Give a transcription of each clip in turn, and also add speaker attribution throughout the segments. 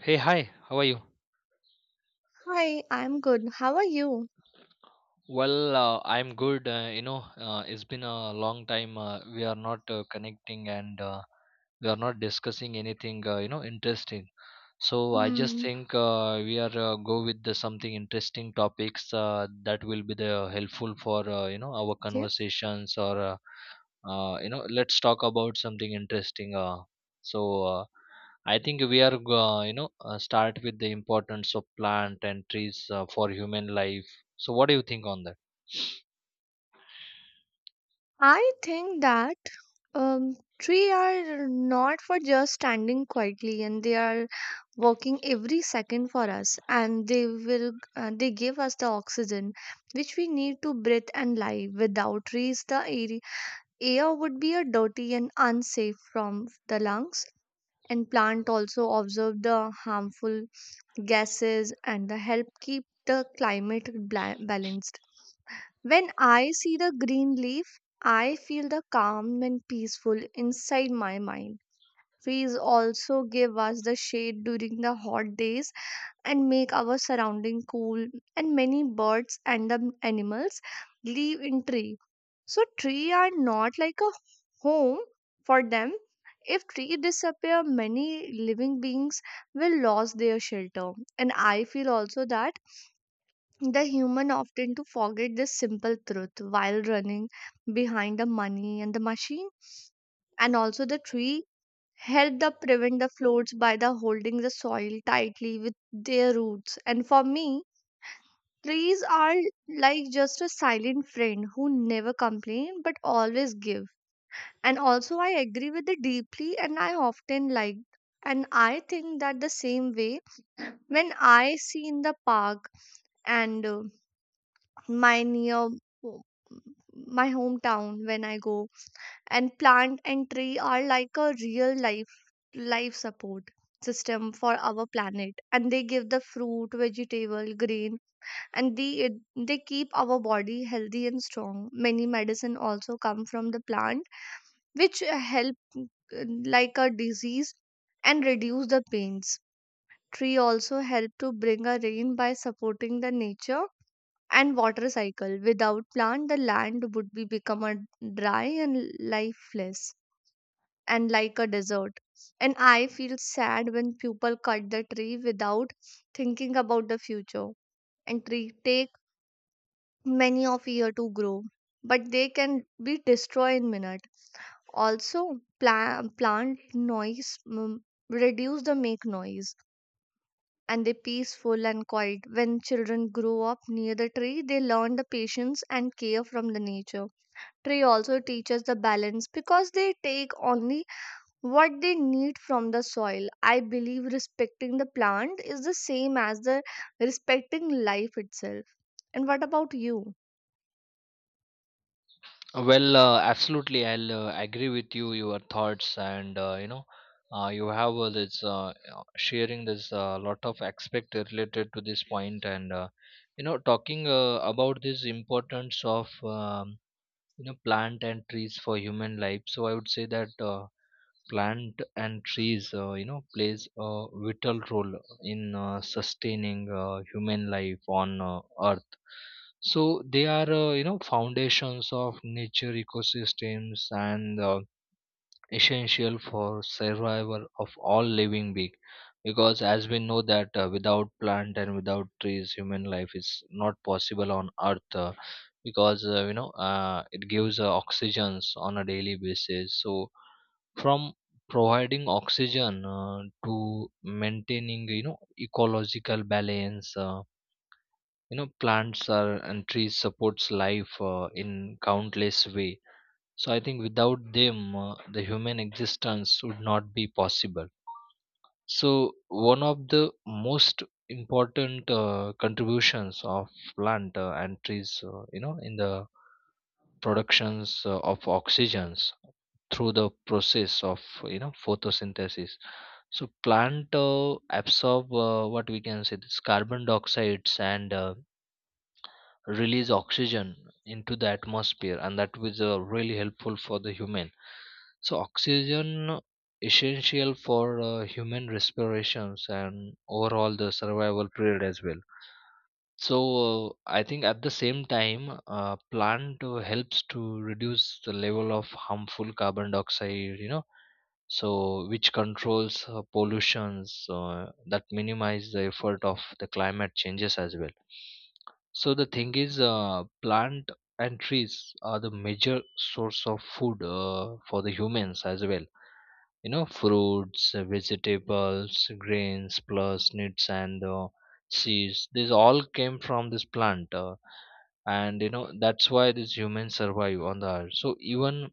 Speaker 1: Hey, hi, how are you?
Speaker 2: Hi, I'm good. How are you?
Speaker 1: Well, I'm good. It's been a long time. We are not connecting and we are not discussing anything, interesting. So I just
Speaker 2: Hmm.
Speaker 1: think we are go with the something interesting topics that will be the helpful for our
Speaker 2: Okay.
Speaker 1: conversations or let's talk about something interesting. So uh, I think we are go- you know start with the importance of plant and trees for human life, so what do you think on that?
Speaker 2: I think that trees are not for just standing quietly, and they are working every second for us, and they will they give us the oxygen which we need to breathe and live. Without trees, the air would be a dirty and unsafe from the lungs. And plant also observe the harmful gases and the help keep the climate balanced. When I see the green leaf, I feel the calm and peaceful inside my mind. Trees also give us the shade during the hot days and make our surrounding cool, and many birds and the animals live in tree. So tree are not like a home for them. If tree disappear, many living beings will lose their shelter, and I feel also that the human often to forget this simple truth while running behind the money and the machine. And also the tree help the prevent the floods by the holding the soil tightly with their roots. And for me, trees are like just a silent friend who never complain but always give. And also I agree with it deeply, and I often like, and I think that the same way when I see in the park and my near ho- my hometown when I go. And plant and tree are like a real life life support system for our planet, and they give the fruit vegetable grain, and they keep our body healthy and strong. Many medicine also come from the plant which help like a disease and reduce the pains. Tree also help to bring a rain by supporting the nature and water cycle. Without plant, the land would be become a dry and lifeless and like a desert. And I feel sad when people cut the tree without thinking about the future. And tree take many of year to grow, but they can be destroyed in minute. Also, plant reduce the make noise, and they peaceful and quiet. When children grow up near the tree, they learn the patience and care from the nature. Tree also teaches the balance because they take only what they need from the soil. I believe respecting the plant is the same as the respecting life itself. And what about you?
Speaker 1: Well, absolutely, I'll agree with you, your thoughts, and you have this sharing this lot of aspect related to this point, and talking about this importance of plant and trees for human life, so I would say that plant and trees plays a vital role in sustaining human life on earth. So they are foundations of nature ecosystems and essential for survival of all living being, because as we know that without plant and without trees, human life is not possible on earth, because it gives oxygens on a daily basis. So from providing oxygen to maintaining, you know, ecological balance, plants are and trees supports life in countless way. So I think without them, the human existence would not be possible. So one of the most important contributions of plant and trees in the productions of oxygens through the process of, you know, photosynthesis. So plant absorb, what we can say, this carbon dioxide and release oxygen into the atmosphere, and that was really helpful for the human. So oxygen essential for human respirations and overall the survival period as well. So I think at the same time plant helps to reduce the level of harmful carbon dioxide, you know, so which controls pollutions that minimize the effort of the climate changes as well. So the thing is, plant and trees are the major source of food for the humans as well. You know, fruits, vegetables, grains, plus nuts and seeds. These all came from this plant, and you know that's why these humans survive on the earth. So even,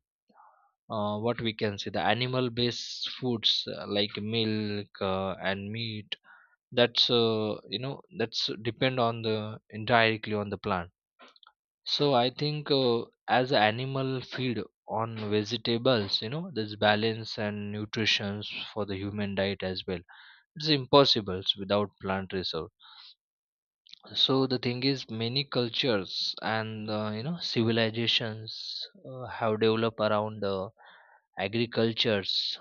Speaker 1: what we can say, the animal-based foods like milk and meat. That's, that's depend on the indirectly on the plant. So I think as a animal feed on vegetables, you know, there's balance and nutrition for the human diet as well. It's impossible without plant reserve. So the thing is, many cultures and civilizations have developed around the agricultures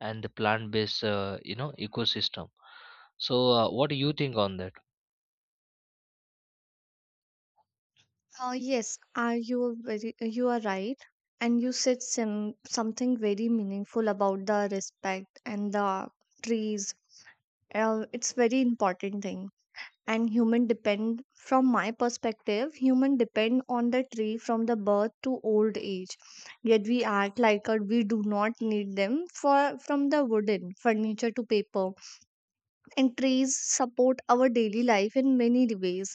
Speaker 1: and the plant-based, ecosystem. So what do you think on that?
Speaker 2: Yes, are you are very you are right, and you said some something very meaningful about the respect and the trees. It's very important thing. And human depend from my perspective, human depend on the tree from the birth to old age. Yet we act like a we do not need them for, from the wooden furniture to paper. And trees support our daily life in many ways.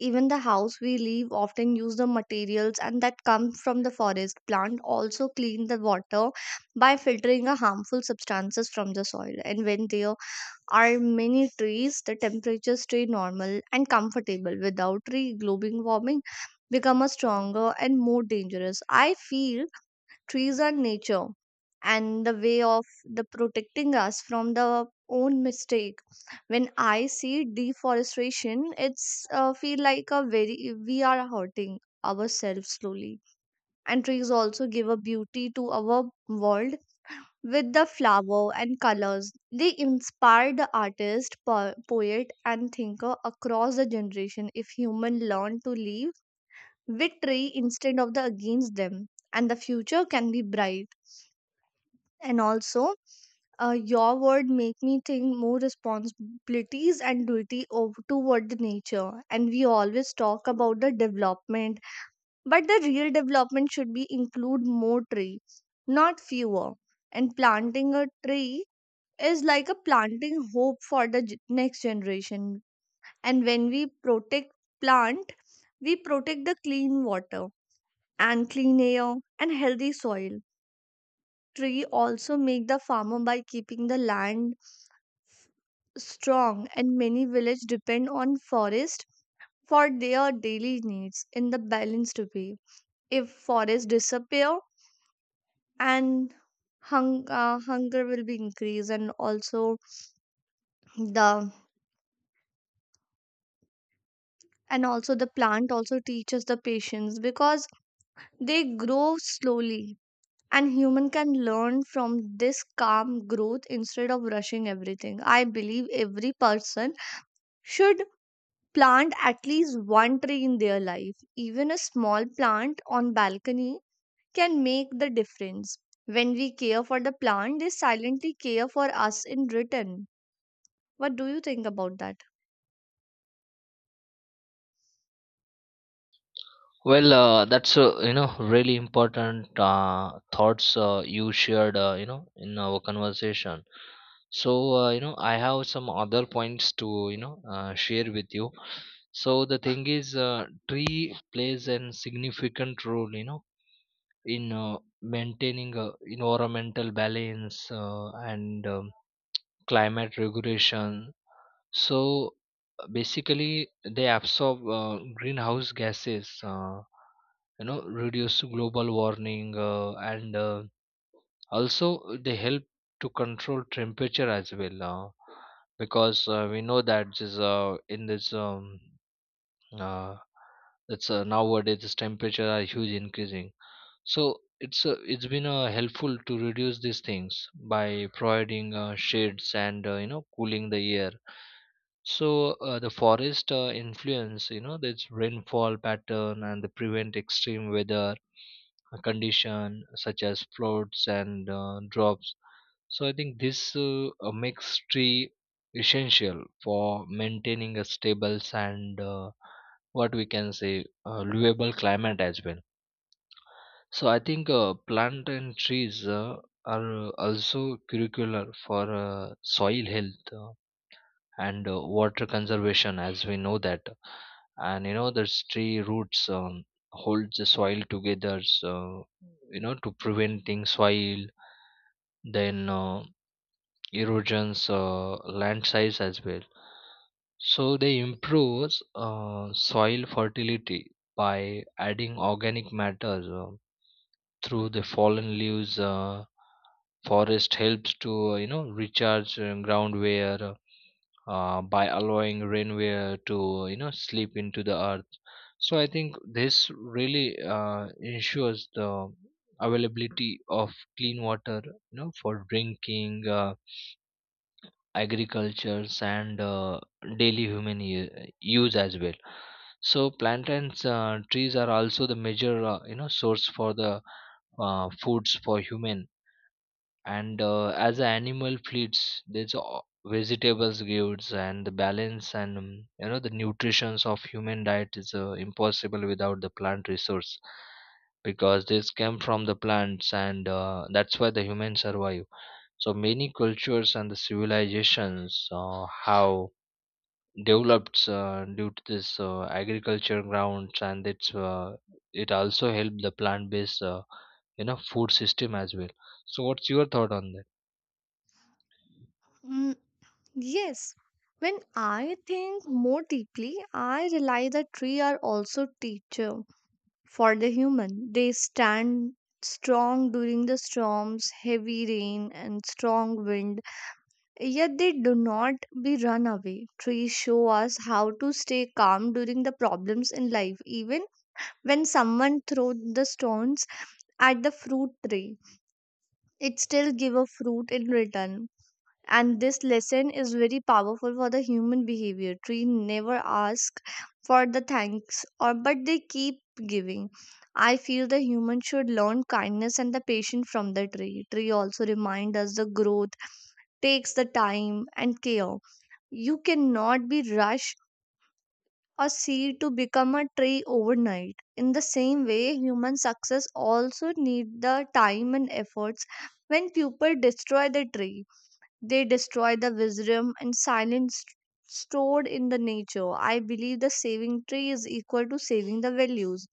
Speaker 2: Even the house we live often use the materials and that come from the forest. Plant also clean the water by filtering the harmful substances from the soil. And when they are many trees, the temperature stay normal and comfortable. Without tree, global warming become a stronger and more dangerous. I feel trees are nature and the way of the protecting us from the own mistake. When I see deforestation, it's feel like a very we are hurting ourselves slowly. And trees also give a beauty to our world with the flower and colors. They inspired the artist, poet, and thinker across the generation. If human learn to live with tree instead of the against them, and the future can be bright. And also, your word make me think more responsibilities and duty over toward the nature. And we always talk about the development, but the real development should be include more tree, not fewer. And planting a tree is like a planting hope for the next generation. And when we protect plant, we protect the clean water and clean air and healthy soil. Tree also make the farmer by keeping the land strong, and many village depend on forest for their daily needs in the balanced way. If forests disappear, and hunger will be increased. And also the, and also the plant also teaches the patience because they grow slowly, and human can learn from this calm growth instead of rushing everything. I believe every person should plant at least one tree in their life. Even a small plant on balcony can make the difference. When we care for the plant, they silently care for us in return. What do you think about that?
Speaker 1: Well, that's, really important thoughts you shared you know in our conversation. So you know, I have some other points to, you know, share with you. So the thing is, tree plays an significant role, you know, in maintaining environmental balance and climate regulation. So basically, they absorb greenhouse gases, you know, reduce global warming, and also they help to control temperature as well. Because we know that this, in this, uh, it's nowadays this temperature are huge increasing. So it's it's been helpful to reduce these things by providing shades and cooling the air. So the forest influence, you know, its rainfall pattern and the prevent extreme weather condition such as floods and drops. So I think this, makes tree essential for maintaining a stable and, what we can say, livable climate as well. So I think plant and trees are also curricular for soil health and water conservation, as we know that, and you know there's tree roots hold the soil together, so you know to preventing soil, then erosions, land size as well. So they improves soil fertility by adding organic matter through the fallen leaves. Forest helps to recharge ground where, by allowing rainwear to, you know, slip into the earth. So I think this really ensures the availability of clean water, you know, for drinking, agriculture, and daily use as well. So plantains, trees are also the major source for the foods for human and as the animal feeds there's vegetables gives and the balance and the nutritions of human diet is impossible without the plant resource, because this came from the plants and that's why the humans survive. So many cultures and the civilizations have developed due to this agriculture grounds, and it's, it also helped the plant based, food system as well. So what's your thought on that?
Speaker 2: Mm, yes, when I think more deeply, I realize that trees are also teacher for the human. They stand strong during the storms, heavy rain and strong wind, yet they do not be run away. Trees show us how to stay calm during the problems in life. Even when someone throws the stones at the fruit tree, it still give a fruit in return. And this lesson is very powerful for the human behavior. Tree never ask for the thanks or, but they keep giving. I feel the human should learn kindness and the patience from the tree. Tree also remind us the growth takes the time and care. You cannot be rushed or seed to become a tree overnight. In the same way, human success also need the time and efforts. When people destroy the tree, they destroy the wisdom and silence stored in the nature. I believe the saving tree is equal to saving the values.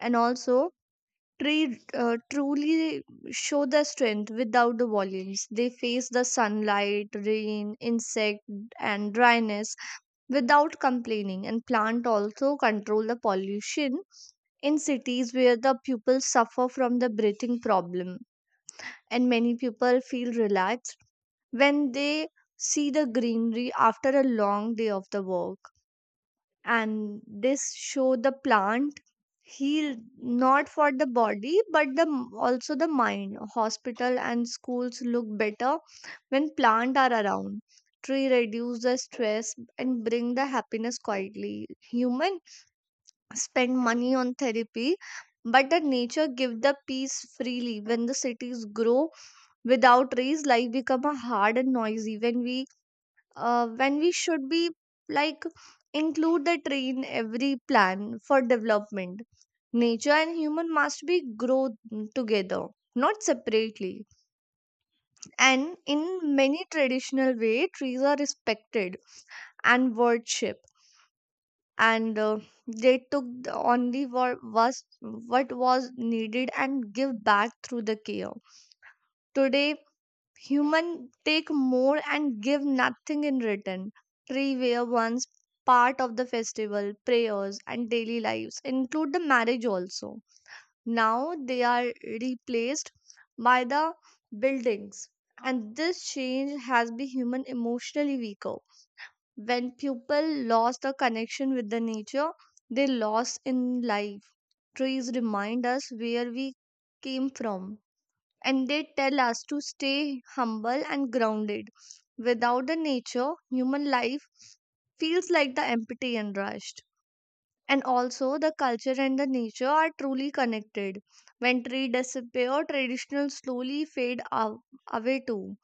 Speaker 2: And also, tree truly show the strength without the volumes. They face the sunlight, rain, insect, and dryness without complaining. And plant also control the pollution in cities where the pupils suffer from the breathing problem. And many people feel relaxed when they see the greenery after a long day of the work. And this show the plant heal not for the body but the also the mind. Hospital and schools look better when plant are around. Tree reduce the stress and bring the happiness quietly. Human spend money on therapy, but the nature give the peace freely. When the cities grow without trees, life become a hard and noisy. When we should be like include the tree in every plan for development. Nature and human must be grow together, not separately. And in many traditional way, trees are respected and worshipped. And they took the only what was needed and give back through the care. Today human take more and give nothing in return. Tree were once part of the festival, prayers, and daily lives, include the marriage also. Now they are replaced by the buildings. And this change has been human emotionally weaker. When people lost the connection with the nature, they lost in life. Trees remind us where we came from, and they tell us to stay humble and grounded. Without the nature, human life feels like the empty and rushed. And also, the culture and the nature are truly connected. When trees disappear, traditional slowly fade away too.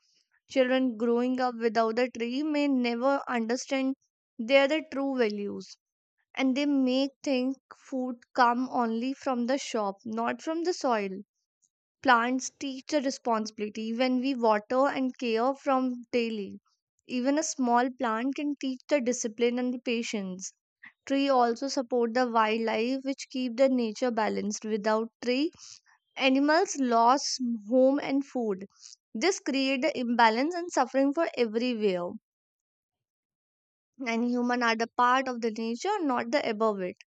Speaker 2: Children growing up without the tree may never understand their the true values. And they may think food come only from the shop, not from the soil. Plants teach a responsibility when we water and care from daily. Even a small plant can teach the discipline and the patience. Tree also support the wildlife which keep the nature balanced. Without tree, animals lost home and food. This create the imbalance and suffering for everywhere. And human are the part of the nature, not the above it.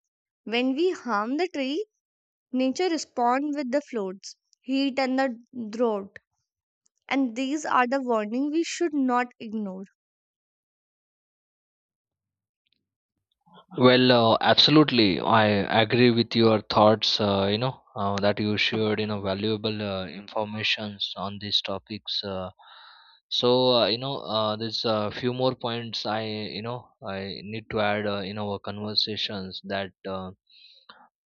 Speaker 2: When we harm the tree, nature respond with the floods, heat and the drought. And these are the warning we should not ignore.
Speaker 1: Well, absolutely. I agree with your thoughts, that you shared, you know, valuable informations on these topics. There's a few more points I, you know, I need to add in our conversations, that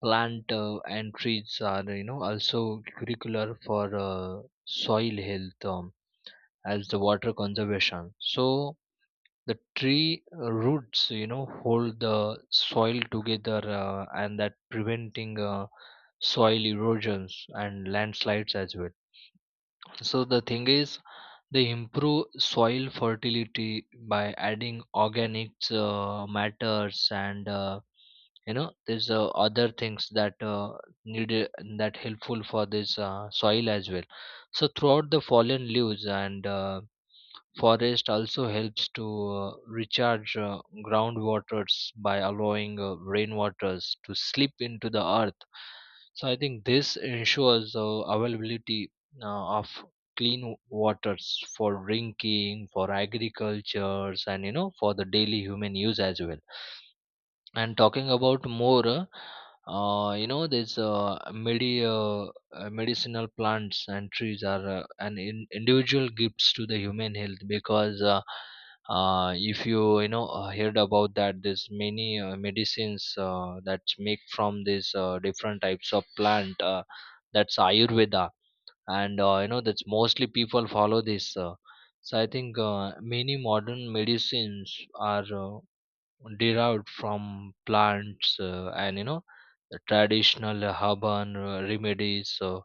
Speaker 1: plant and trees are, you know, also curricular for soil health as the water conservation. So, the tree roots, you know, hold the soil together and that preventing soil erosions and landslides as well. So the thing is, they improve soil fertility by adding organic matters, and there's other things that needed, that helpful for this soil as well. So throughout the fallen leaves and forest also helps to recharge groundwaters by allowing rainwaters to slip into the earth. So I think this ensures availability of clean waters for drinking, for agricultures, and you know for the daily human use as well. And talking about more, these medicinal plants and trees are an individual gifts to the human health, because if you, you know, heard about that, there's many medicines that's make from these different types of plant. That's Ayurveda, and that's mostly people follow this. So I think many modern medicines are derived from plants and you know the traditional urban remedies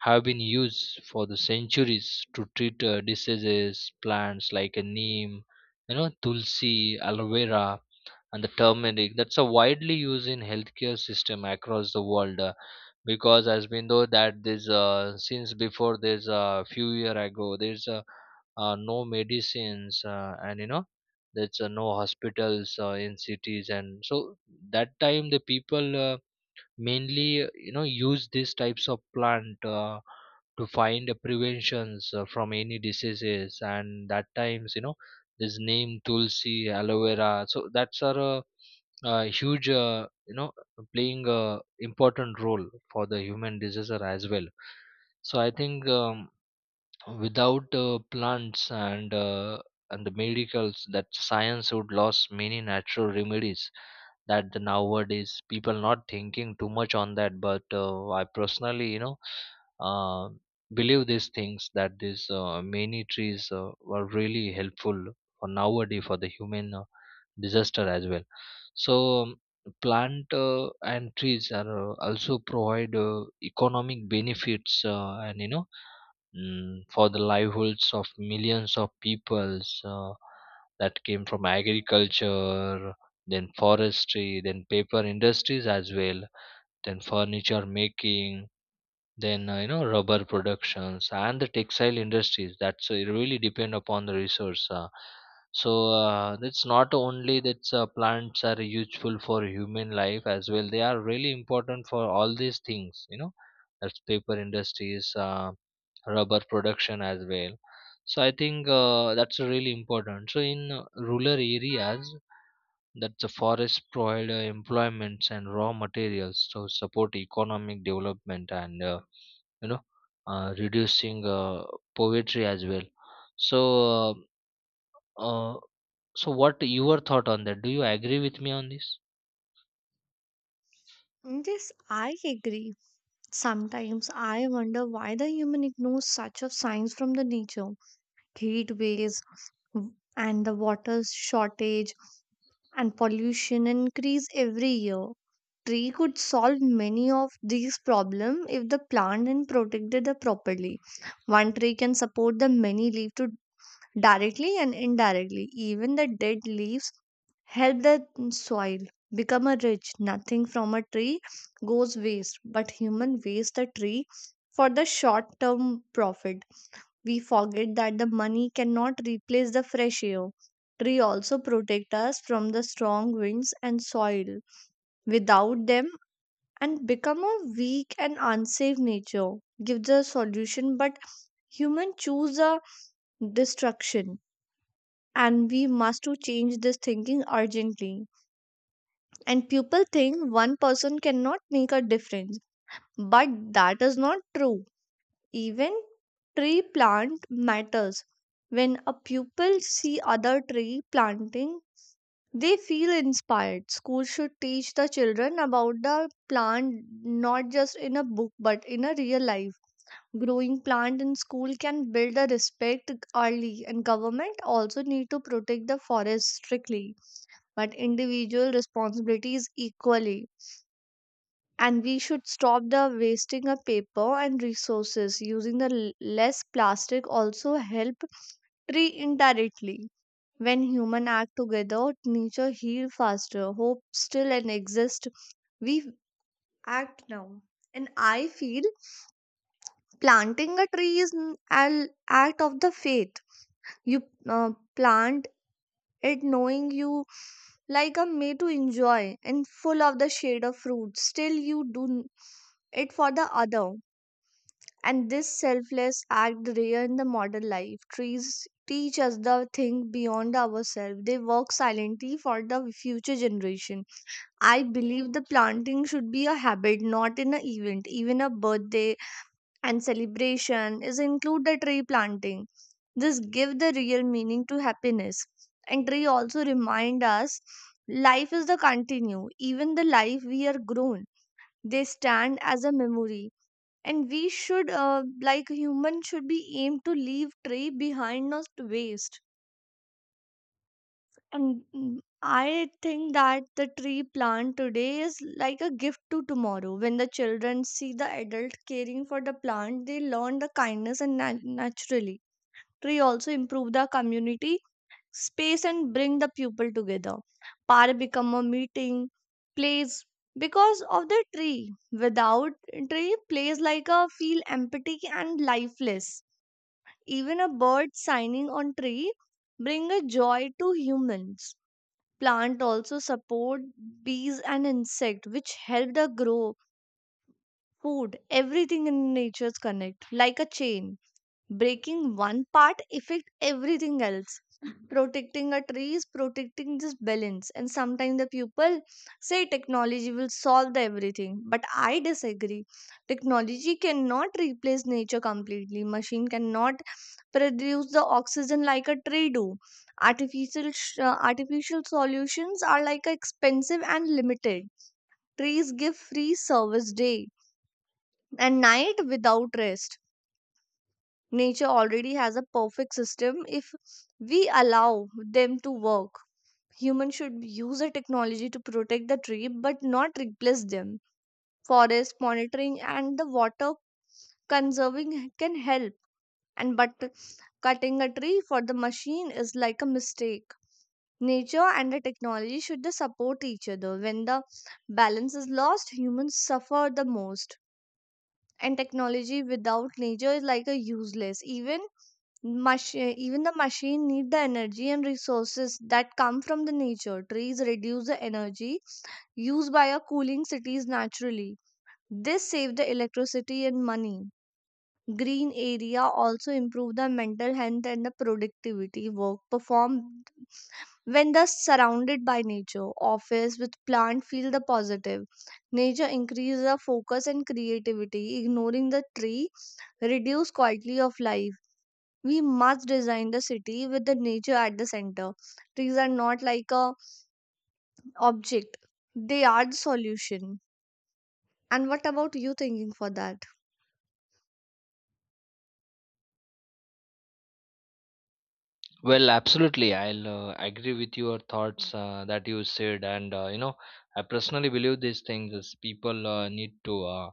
Speaker 1: have been used for the centuries to treat diseases. Plants like a neem, you know, tulsi, aloe vera and the turmeric, that's a widely used in healthcare system across the world. Because as we know that this, since before this few year ago, there's, no medicines and you know there's no hospitals in cities, and so that time the people mainly use these types of plant to find preventions from any diseases, and that times you know this name tulsi aloe vera, so that's are a huge, playing a important role for the human disease as well. So I think without plants and and the medicals, that science would lost many natural remedies that the nowadays people not thinking too much on that, but I personally, you know uh, believe these things, that these many trees were really helpful for nowadays for the human disaster as well. So um, plant and trees are also provide economic benefits and for the livelihoods of millions of peoples that came from agriculture, then forestry, then paper industries as well, then furniture making, then rubber productions and the textile industries. That's it really depend upon the resource. It's not only that plants are useful for human life as well, they are really important for all these things, you know, that's paper industries, rubber production as well. So I think that's really important. So in rural areas, that the forest provide employments and raw materials to support economic development and, you know reducing poverty as well. So uh, uh, so what your thought on that, do you agree with me on this?
Speaker 2: Yes, I agree. Sometimes I wonder why the human ignores such of signs from the nature. Heat waves and the water shortage and pollution increase every year. Tree could solve many of these problems if the plant and protected it properly. One tree can support the many leaf to directly and indirectly. Even the dead leaves help the soil become a rich. Nothing from a tree goes waste, but human waste the tree for the short term profit. We forget that the money cannot replace the fresh air. Tree also protect us from the strong winds and soil. Without them, and become a weak and unsafe nature. Give the solution, but human choose a destruction, and we must to change this thinking urgently. And people think one person cannot make a difference, but that is not true. Even tree plant matters. When a pupil see other tree planting, they feel inspired. School should teach the children about the plant, not just in a book but in a real life. Growing plant in school can build a respect early. And government also need to protect the forest strictly, but individual responsibilities equally. And we should stop the wasting of paper and resources. Using the less plastic also help tree indirectly. When human act together, nature heal faster. Hope still and exist. We act now. And I feel planting a tree is an act of the faith. You plant it knowing you like a may to enjoy and full of the shade of fruit. Still, you it for the other. And this selfless act rare in the modern life. Trees teach us the thing beyond ourselves. They work silently for the future generation. I believe the planting should be a habit, not an event. Even a birthday and celebration is include the tree planting, this give the real meaning to happiness, and tree also remind us life is the continue, even the life we are grown, they stand as a memory, and we should like human should be aimed to leave tree behind not to waste. And I think that the tree plant today is like a gift to tomorrow. When the children see the adult caring for the plant, they learn the kindness and naturally. Tree also improve the community space and bring the people together. Park become a meeting place because of the tree. Without tree, place like a feel empty and lifeless. Even a bird signing on tree bring a joy to humans, plant also support bees and insect which help the grow food. Everything in nature's connect like a chain, breaking one part affect everything else. Protecting a tree is protecting this balance, and sometimes the people say technology will solve the everything, but I disagree. Technology cannot replace nature completely. Machine cannot produce the oxygen like a tree do. Artificial solutions are like expensive and limited. Trees give free service day and night without rest. Nature already has a perfect system if we allow them to work. Humans should use the technology to protect the tree but not replace them. Forest monitoring and the water conserving can help, and but cutting a tree for the machine is like a mistake. Nature and the technology should they support each other. When the balance is lost, humans suffer the most. And technology without nature is like a useless. Even Machine, even the machine need the energy and resources that come from the nature. Trees reduce the energy used by our cooling cities naturally. This save the electricity and money. Green area also improve the mental health and the productivity work performed when thus surrounded by nature. Office with plant feel the positive. Nature increase the focus and creativity. Ignoring the tree reduce quality of life. We must design the city with the nature at the center. Trees are not like a object. They are the solution. And what about you thinking for that?
Speaker 1: Well, absolutely. I'll agree with your thoughts that you said, and I personally believe these things is people need to uh,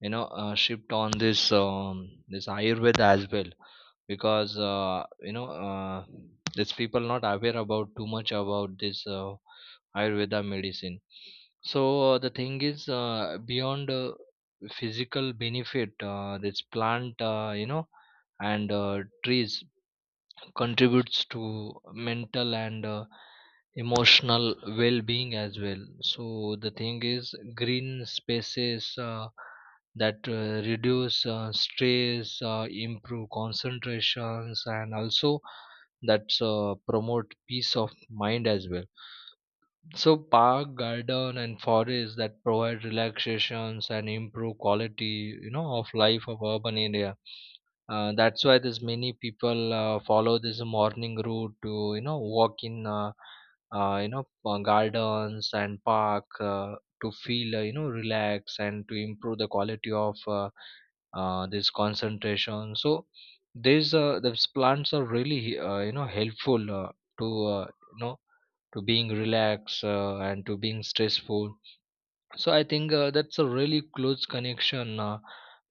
Speaker 1: you know uh, shift on this Ayurveda as well because these people not aware about too much about this Ayurveda medicine. So the thing is beyond physical benefit, this plant and trees contributes to mental and emotional well-being as well. So the thing is green spaces that reduce stress, improve concentrations, and also that promote peace of mind as well. So park, garden, and forest that provide relaxations and improve quality of life of urban area. Uh, that's why there's many people follow this morning route to walk in gardens and park to feel relax and to improve the quality of this concentration. So these plants are really helpful to uh, you know to being relaxed and to being stressful. So I think that's a really close connection.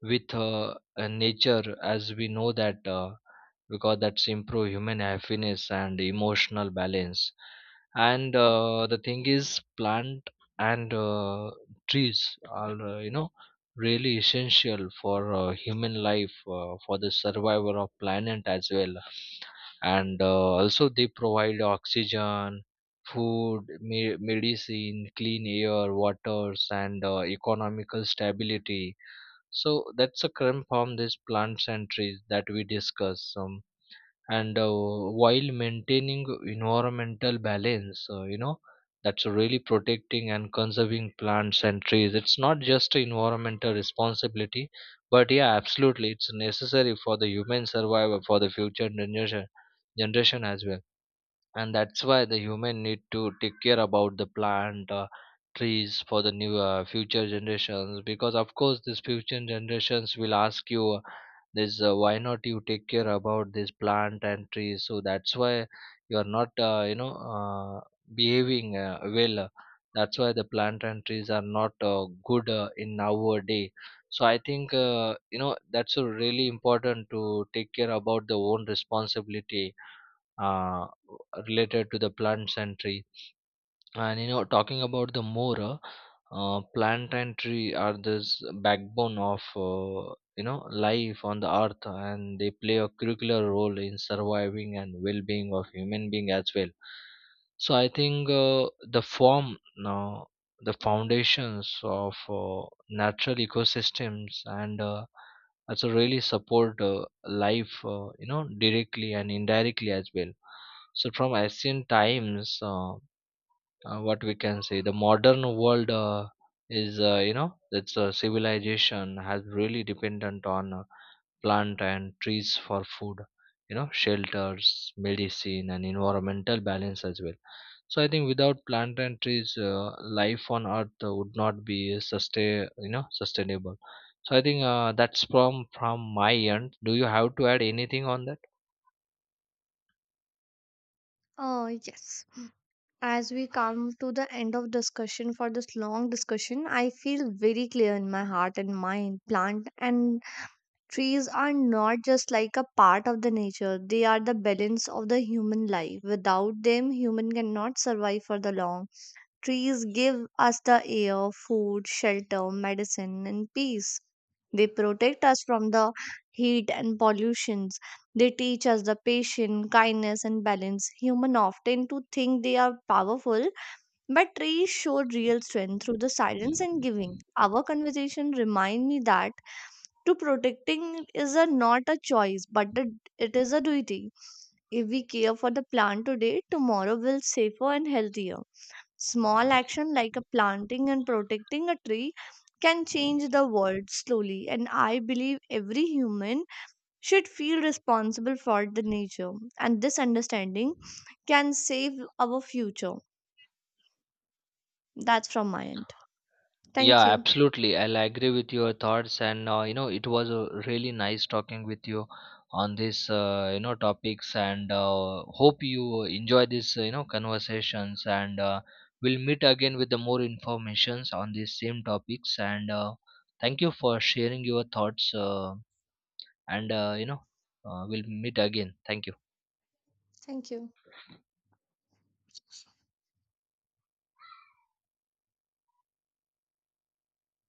Speaker 1: With nature, as we know that because that's improve human happiness and emotional balance. And the thing is plant and trees are really essential for human life, for the survival of planet as well. And also they provide oxygen, food, medicine, clean air, waters, and economical stability. So that's a current form these plants and trees that we discuss. And while maintaining environmental balance, that's really protecting and conserving plants and trees. It's not just an environmental responsibility, but yeah, absolutely, it's necessary for the human survival for the future generation as well. And that's why the human need to take care about the plant, trees for the new future generations, because of course these future generations will ask you this, why not you take care about this plant and trees? So that's why you are not behaving well, that's why the plant and trees are not good in our day. So I think that's a really important to take care about the own responsibility uh, related to the plants and tree. And you know, talking about the more, plant and tree are this backbone of life on the earth, and they play a curricular role in surviving and well-being of human being as well. So I think the form now the foundations of natural ecosystems, and also really support life, directly and indirectly as well. So from ancient times, what we can say, the modern world is its civilization has really dependent on plant and trees for food, shelters, medicine, and environmental balance as well. So I think without plant and trees, life on earth would not be sustainable. So I think that's from my end. Do you have to add anything on that?
Speaker 2: Oh, yes. As we come to the end of discussion for this long discussion, I feel very clear in my heart and mind. Plant and trees are not just like a part of the nature. They are the balance of the human life. Without them, human cannot survive for the long. Trees give us the air, food, shelter, medicine, and peace. They protect us from the heat and pollutions. They teach us the patience, kindness, and balance. Humans often to think they are powerful, but trees show real strength through the silence and giving. Our conversation remind me that to protecting is a, not a choice, but a, it is a duty. If we care for the plant today, tomorrow will safer and healthier. Small action like a planting and protecting a tree can change the world slowly, and I believe every human should feel responsible for the nature, and this understanding can save our future. That's from my end.
Speaker 1: Yeah,
Speaker 2: Thank you.
Speaker 1: absolutely. I'll agree with your thoughts, and it was really nice talking with you on this, topics, and hope you enjoy this, conversations, and we'll meet again with the more informations on these same topics, and thank you for sharing your thoughts, and uh, you know, we'll meet again. Thank you.
Speaker 2: Thank you.